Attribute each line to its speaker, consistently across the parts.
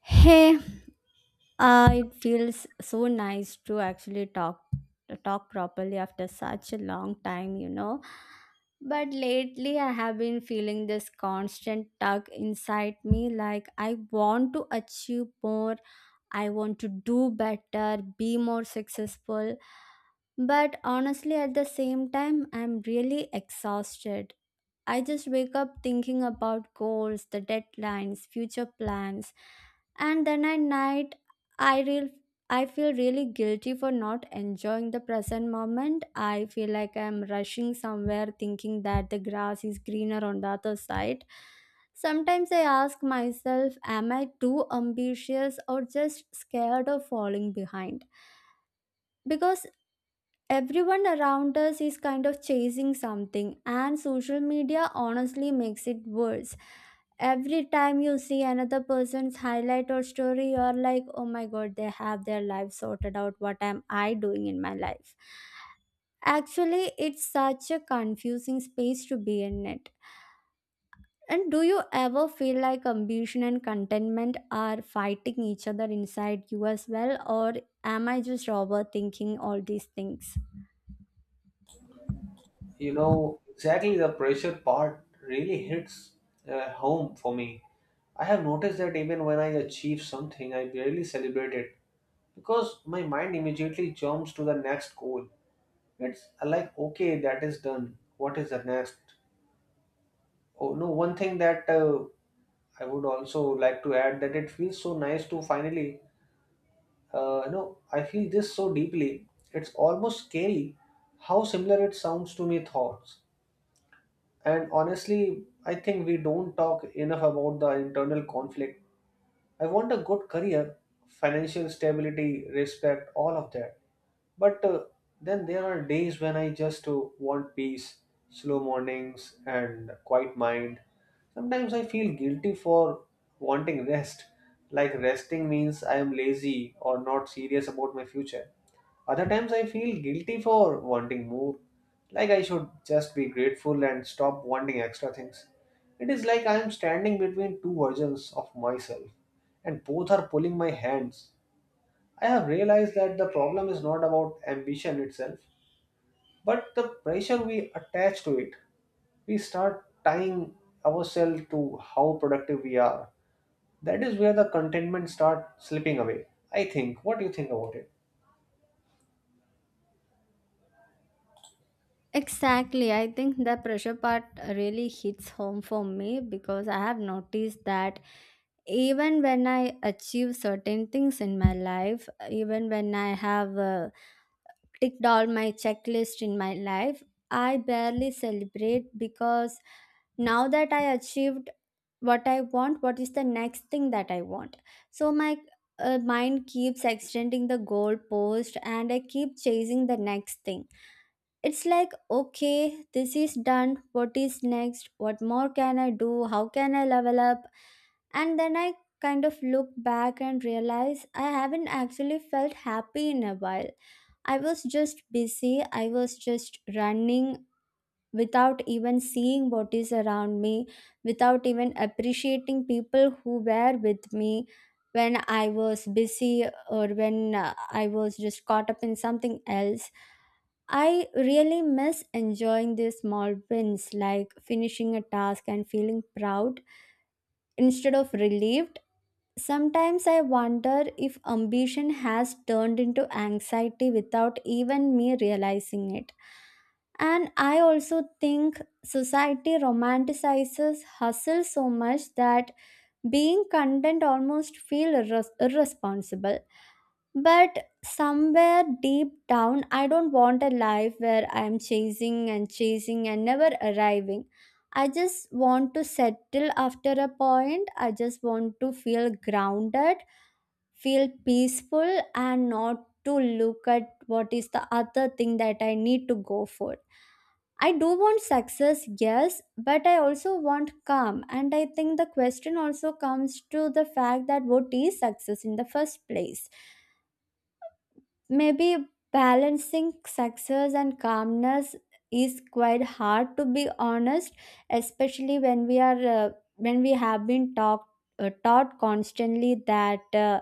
Speaker 1: Hey, it feels so nice to actually talk properly after such a long time, you know. But lately, I have been feeling this constant tug inside me, like I want to achieve more, I want to do better, be more successful. But honestly, at the same time, I'm really exhausted. I just wake up thinking about goals, the deadlines, future plans, and then at night I real I feel really guilty for not enjoying the present moment. I feel like I'm rushing somewhere, thinking that the grass is greener on the other side. Sometimes I ask myself, am I too ambitious or just scared of falling behind? Because everyone around us is kind of chasing something, and social media honestly makes it worse. Every time you see another person's highlight or story, you're like, oh my god, they have their life sorted out. What am I doing in my life? Actually, it's such a confusing space to be in it. And do you ever feel like ambition and contentment are fighting each other inside you as well, or am I just overthinking all these things?
Speaker 2: You know exactly, the pressure part really hits home for me. I have noticed that even when I achieve something, I barely celebrate it because my mind immediately jumps to the next goal. It's like, okay, that is done, what is the next? Oh no, one thing that I would also like to add that it feels so nice to finally I feel this so deeply. It's almost scary how similar it sounds to my thoughts. And honestly, I think we don't talk enough about the internal conflict. I want a good career, financial stability, respect, all of that. But then there are days when I just want peace, slow mornings, and quiet mind. Sometimes I feel guilty for wanting rest, like resting means I am lazy or not serious about my future. Other times I feel guilty for wanting more, like I should just be grateful and stop wanting extra things. It is like I am standing between two versions of myself, and both are pulling my hands. I have realized that the problem is not about ambition itself, but the pressure we attach to it. We start tying ourselves to how productive we are. That is where the contentment starts slipping away, I think. What do you think about it?
Speaker 1: Exactly. I think the pressure part really hits home for me, because I have noticed that even when I achieve certain things in my life, even when I have ticked all my checklist in my life, I barely celebrate, because now that I achieved what I want, what is the next thing that I want? So my mind keeps extending the goal post, and I keep chasing the next thing. It's like, okay, this is done. What is next? What more can I do? How can I level up? And then I kind of look back and realize I haven't actually felt happy in a while. I was just busy. I was just running without even seeing what is around me, without even appreciating people who were with me when I was busy, or when I was just caught up in something else. I really miss enjoying these small wins, like finishing a task and feeling proud instead of relieved. Sometimes I wonder if ambition has turned into anxiety without even me realizing it. And I also think society romanticizes hustle so much that being content almost feels irresponsible. But somewhere deep down, I don't want a life where I'm chasing and chasing and never arriving. I just want to settle after a point. I just want to feel grounded, feel peaceful, and not to look at what is the other thing that I need to go for. I do want success, yes, but I also want calm. And I think the question also comes to the fact that what is success in the first place? Maybe balancing success and calmness is quite hard, to be honest, especially when we are when we have been talked taught constantly that uh,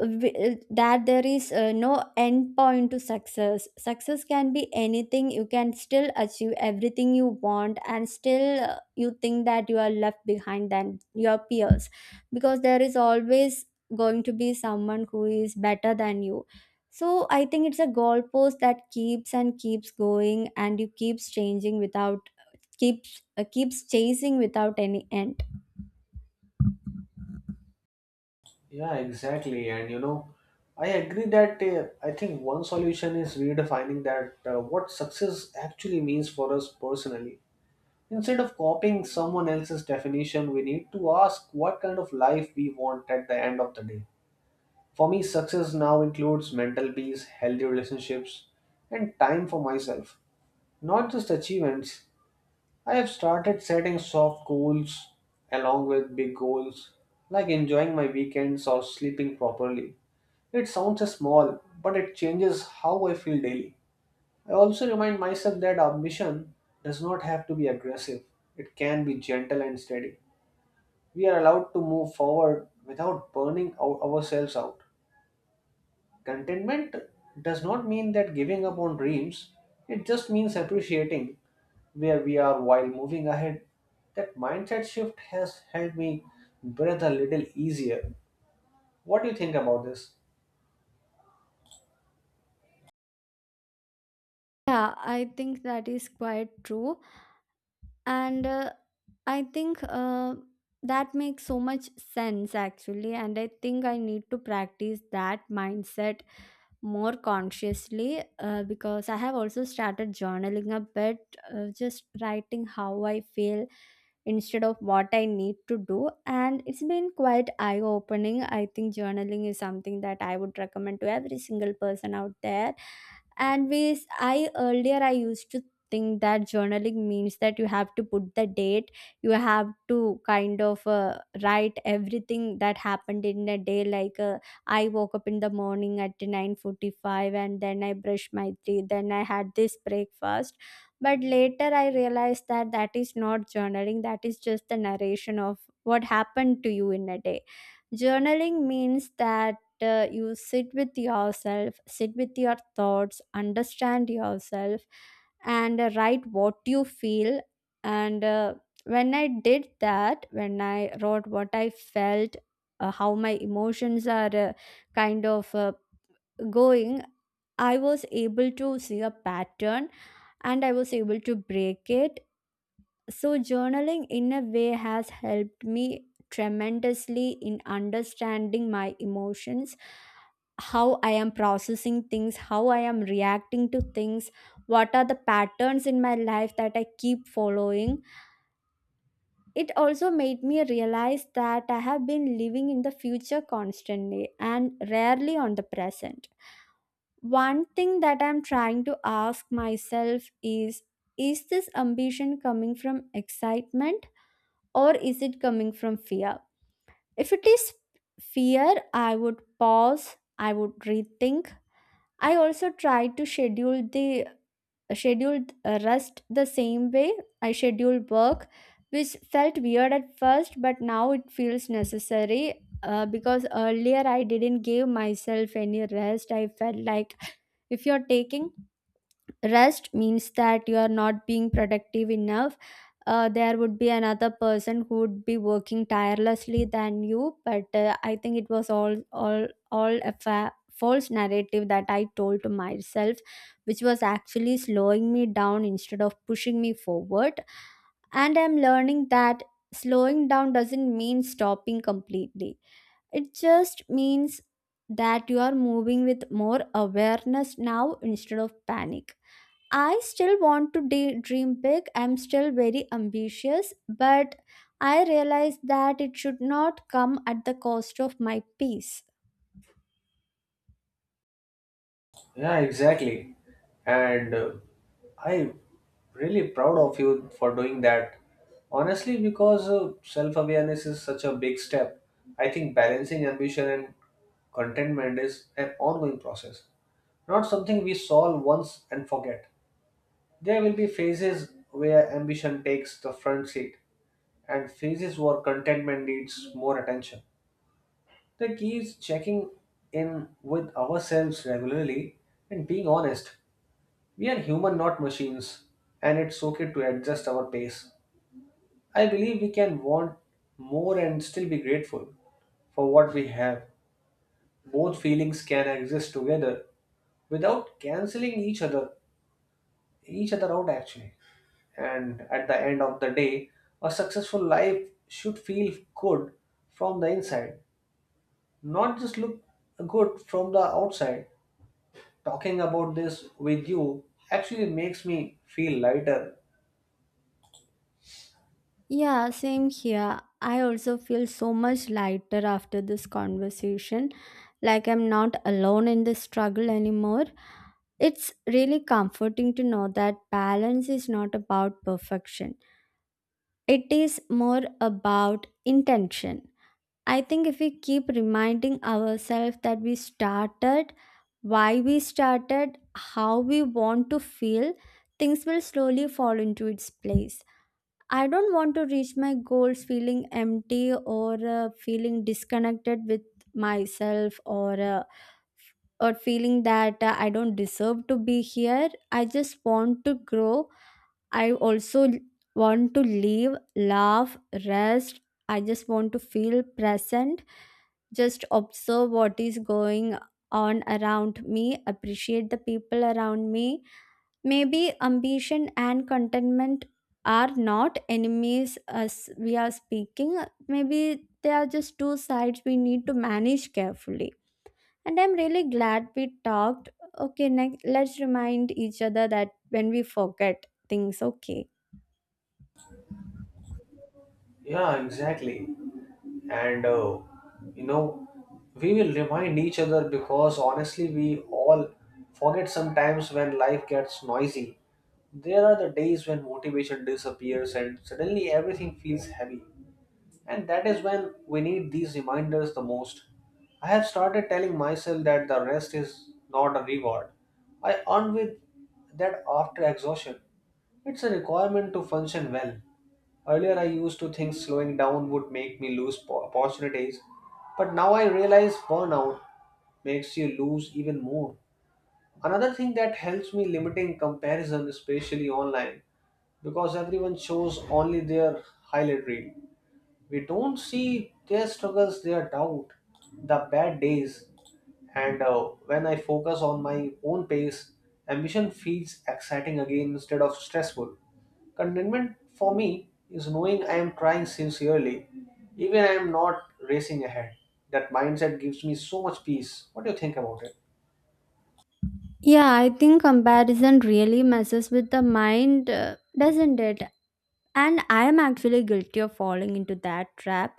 Speaker 1: w- that there is no end point to success. Success can be anything. You can still achieve everything you want and still you think that you are left behind than your peers, because there is always going to be someone who is better than you. So I think it's a goalpost that keeps and keeps going, and you keeps changing without keeps chasing without any end.
Speaker 2: Yeah, exactly. And you know, I agree that I think one solution is redefining that what success actually means for us personally. Instead of copying someone else's definition, we need to ask what kind of life we want at the end of the day. For me, success now includes mental peace, healthy relationships, and time for myself, not just achievements. I have started setting soft goals along with big goals, like enjoying my weekends or sleeping properly. It sounds small, but it changes how I feel daily. I also remind myself that ambition does not have to be aggressive, it can be gentle and steady. We are allowed to move forward without burning ourselves out. Contentment does not mean that giving up on dreams, it just means appreciating where we are while moving ahead. That mindset shift has helped me breathe a little easier. What do you think about this?
Speaker 1: Yeah, I think that is quite true. And I think that makes so much sense, actually. And I think I need to practice that mindset more consciously, because I have also started journaling a bit, just writing how I feel instead of what I need to do. And it's been quite eye opening. I think journaling is something that I would recommend to every single person out there. And we, I earlier I used to think that journaling means that you have to put the date, you have to kind of write everything that happened in a day. Like I woke up in the morning at 9:45, and then I brushed my teeth, then I had this breakfast. But later I realized that that is not journaling, that is just the narration of what happened to you in a day. Journaling means that you sit with yourself, sit with your thoughts, understand yourself, and write what you feel. And when I did that, when I wrote what I felt, how my emotions are kind of going, I was able to see a pattern, and I was able to break it. So, journaling in a way has helped me tremendously in understanding my emotions, how I am processing things, how I am reacting to things, what are the patterns in my life that I keep following. It also made me realize that I have been living in the future constantly and rarely on the present. One thing that I'm trying to ask myself is this ambition coming from excitement, or is it coming from fear? If it is fear, I would pause, I would rethink. I also try to schedule the scheduled rest the same way I schedule work, which felt weird at first, but now it feels necessary. Because earlier I didn't give myself any rest. I felt like if you're taking rest means that you are not being productive enough, there would be another person who would be working tirelessly than you. But I think it was all a false narrative that I told to myself, which was actually slowing me down instead of pushing me forward. And I'm learning that slowing down doesn't mean stopping completely. It just means that you are moving with more awareness now instead of panic. I still want to dream big. I'm still very ambitious, but I realize that it should not come at the cost of my peace.
Speaker 2: Yeah, exactly. And I really proud of you for doing that. Honestly, because self-awareness is such a big step. I think balancing ambition and contentment is an ongoing process, not something we solve once and forget. There will be phases where ambition takes the front seat and phases where contentment needs more attention. The key is checking in with ourselves regularly and being honest. We are human, not machines, and it's okay to adjust our pace. I believe we can want more and still be grateful for what we have. Both feelings can exist together without canceling each other out actually. And at the end of the day, a successful life should feel good from the inside, not just look good from the outside. Talking about this with you actually makes me feel lighter.
Speaker 1: Yeah, same here. I also feel so much lighter after this conversation. Like I'm not alone in this struggle anymore. It's really comforting to know that balance is not about perfection, it is more about intention. I think if we keep reminding ourselves that we started, why we started, how we want to feel, things will slowly fall into its place. I don't want to reach my goals feeling empty, or feeling disconnected with myself, or feeling that I don't deserve to be here. I just want to grow. I also l- want to live, laugh, rest. I just want to feel present. Just observe what is going on around me, appreciate the people around me. Maybe ambition and contentment are not enemies, as we are speaking. Maybe they are just two sides we need to manage carefully. And I'm really glad we talked. Okay, next, let's remind each other that when we forget things, okay.
Speaker 2: Yeah, exactly. and you know, we will remind each other because honestly we all forget sometimes. When life gets noisy, there are the days when motivation disappears and suddenly everything feels heavy, and that is when we need these reminders the most. I have started telling myself that the rest is not a reward I earn with that after exhaustion, it's a requirement to function well. Earlier, I used to think slowing down would make me lose opportunities, but now I realize burnout makes you lose even more. Another thing that helps me, limiting comparison, especially online, because everyone shows only their highlight reel. We don't see their struggles, their doubt, the bad days. And when I focus on my own pace, ambition feels exciting again instead of stressful. Contentment for me is knowing I am trying sincerely, even I am not racing ahead. That mindset gives me so much peace. What do you think about it?
Speaker 1: Yeah, I think comparison really messes with the mind, doesn't it? And I am actually guilty of falling into that trap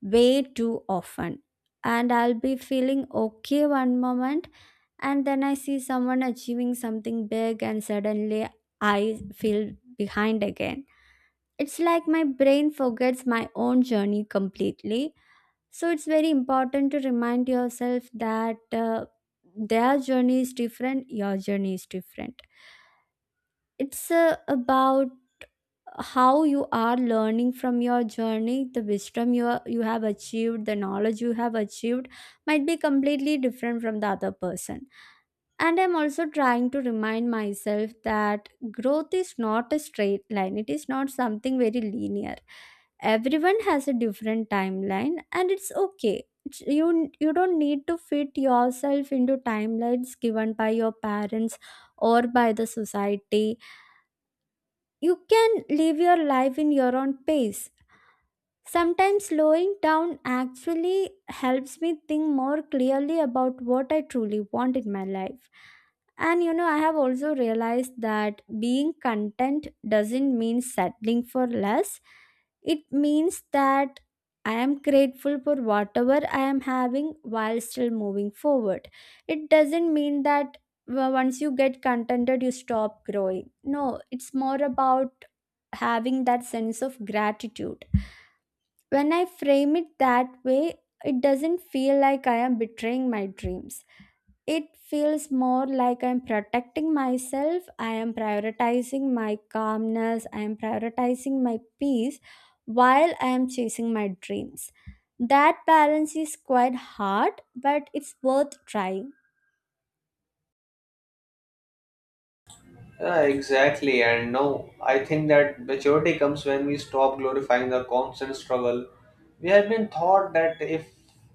Speaker 1: way too often. And I'll be feeling okay one moment, and then I see someone achieving something big, and suddenly I feel behind again. It's like my brain forgets my own journey completely. So it's very important to remind yourself that their journey is different, your journey is different. It's about how you are learning from your journey. The wisdom you are, you have achieved, the knowledge you have achieved might be completely different from the other person. And I'm also trying to remind myself that growth is not a straight line. It is not something very linear. Everyone has a different timeline, and it's okay. You you don't need to fit yourself into timelines given by your parents or by the society. You can live your life in your own pace. Sometimes slowing down actually helps me think more clearly about what I truly want in my life. And you know, I have also realized that being content doesn't mean settling for less. It means that I am grateful for whatever I am having while still moving forward. It doesn't mean that, well, once you get contented, you stop growing. No, it's more about having that sense of gratitude. When I frame it that way, it doesn't feel like I am betraying my dreams. It feels more like I am protecting myself, I am prioritizing my calmness, I am prioritizing my peace while I am chasing my dreams. That balance is quite hard, but it's worth trying.
Speaker 2: Yeah, exactly. And no, I think that maturity comes when we stop glorifying the constant struggle. We have been taught that if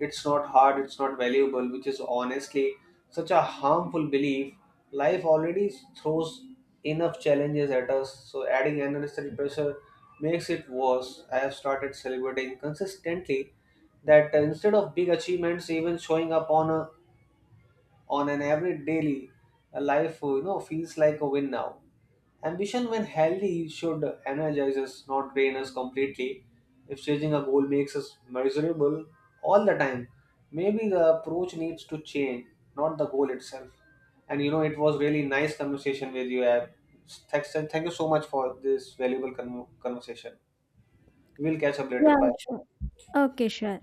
Speaker 2: it's not hard, it's not valuable, which is honestly such a harmful belief. Life already throws enough challenges at us, so adding unnecessary pressure makes it worse. I have started celebrating consistently that instead of big achievements, even showing up on a on an average daily life feels like a win now. Ambition, when healthy, should energize us, not drain us completely. If chasing a goal makes us miserable all the time, maybe the approach needs to change, not the goal itself. And you know, it was really nice conversation with you, Ab. Thank you so much for this valuable conversation. We'll catch up
Speaker 1: Yeah,
Speaker 2: later. Bye.
Speaker 1: sure. Okay, sure.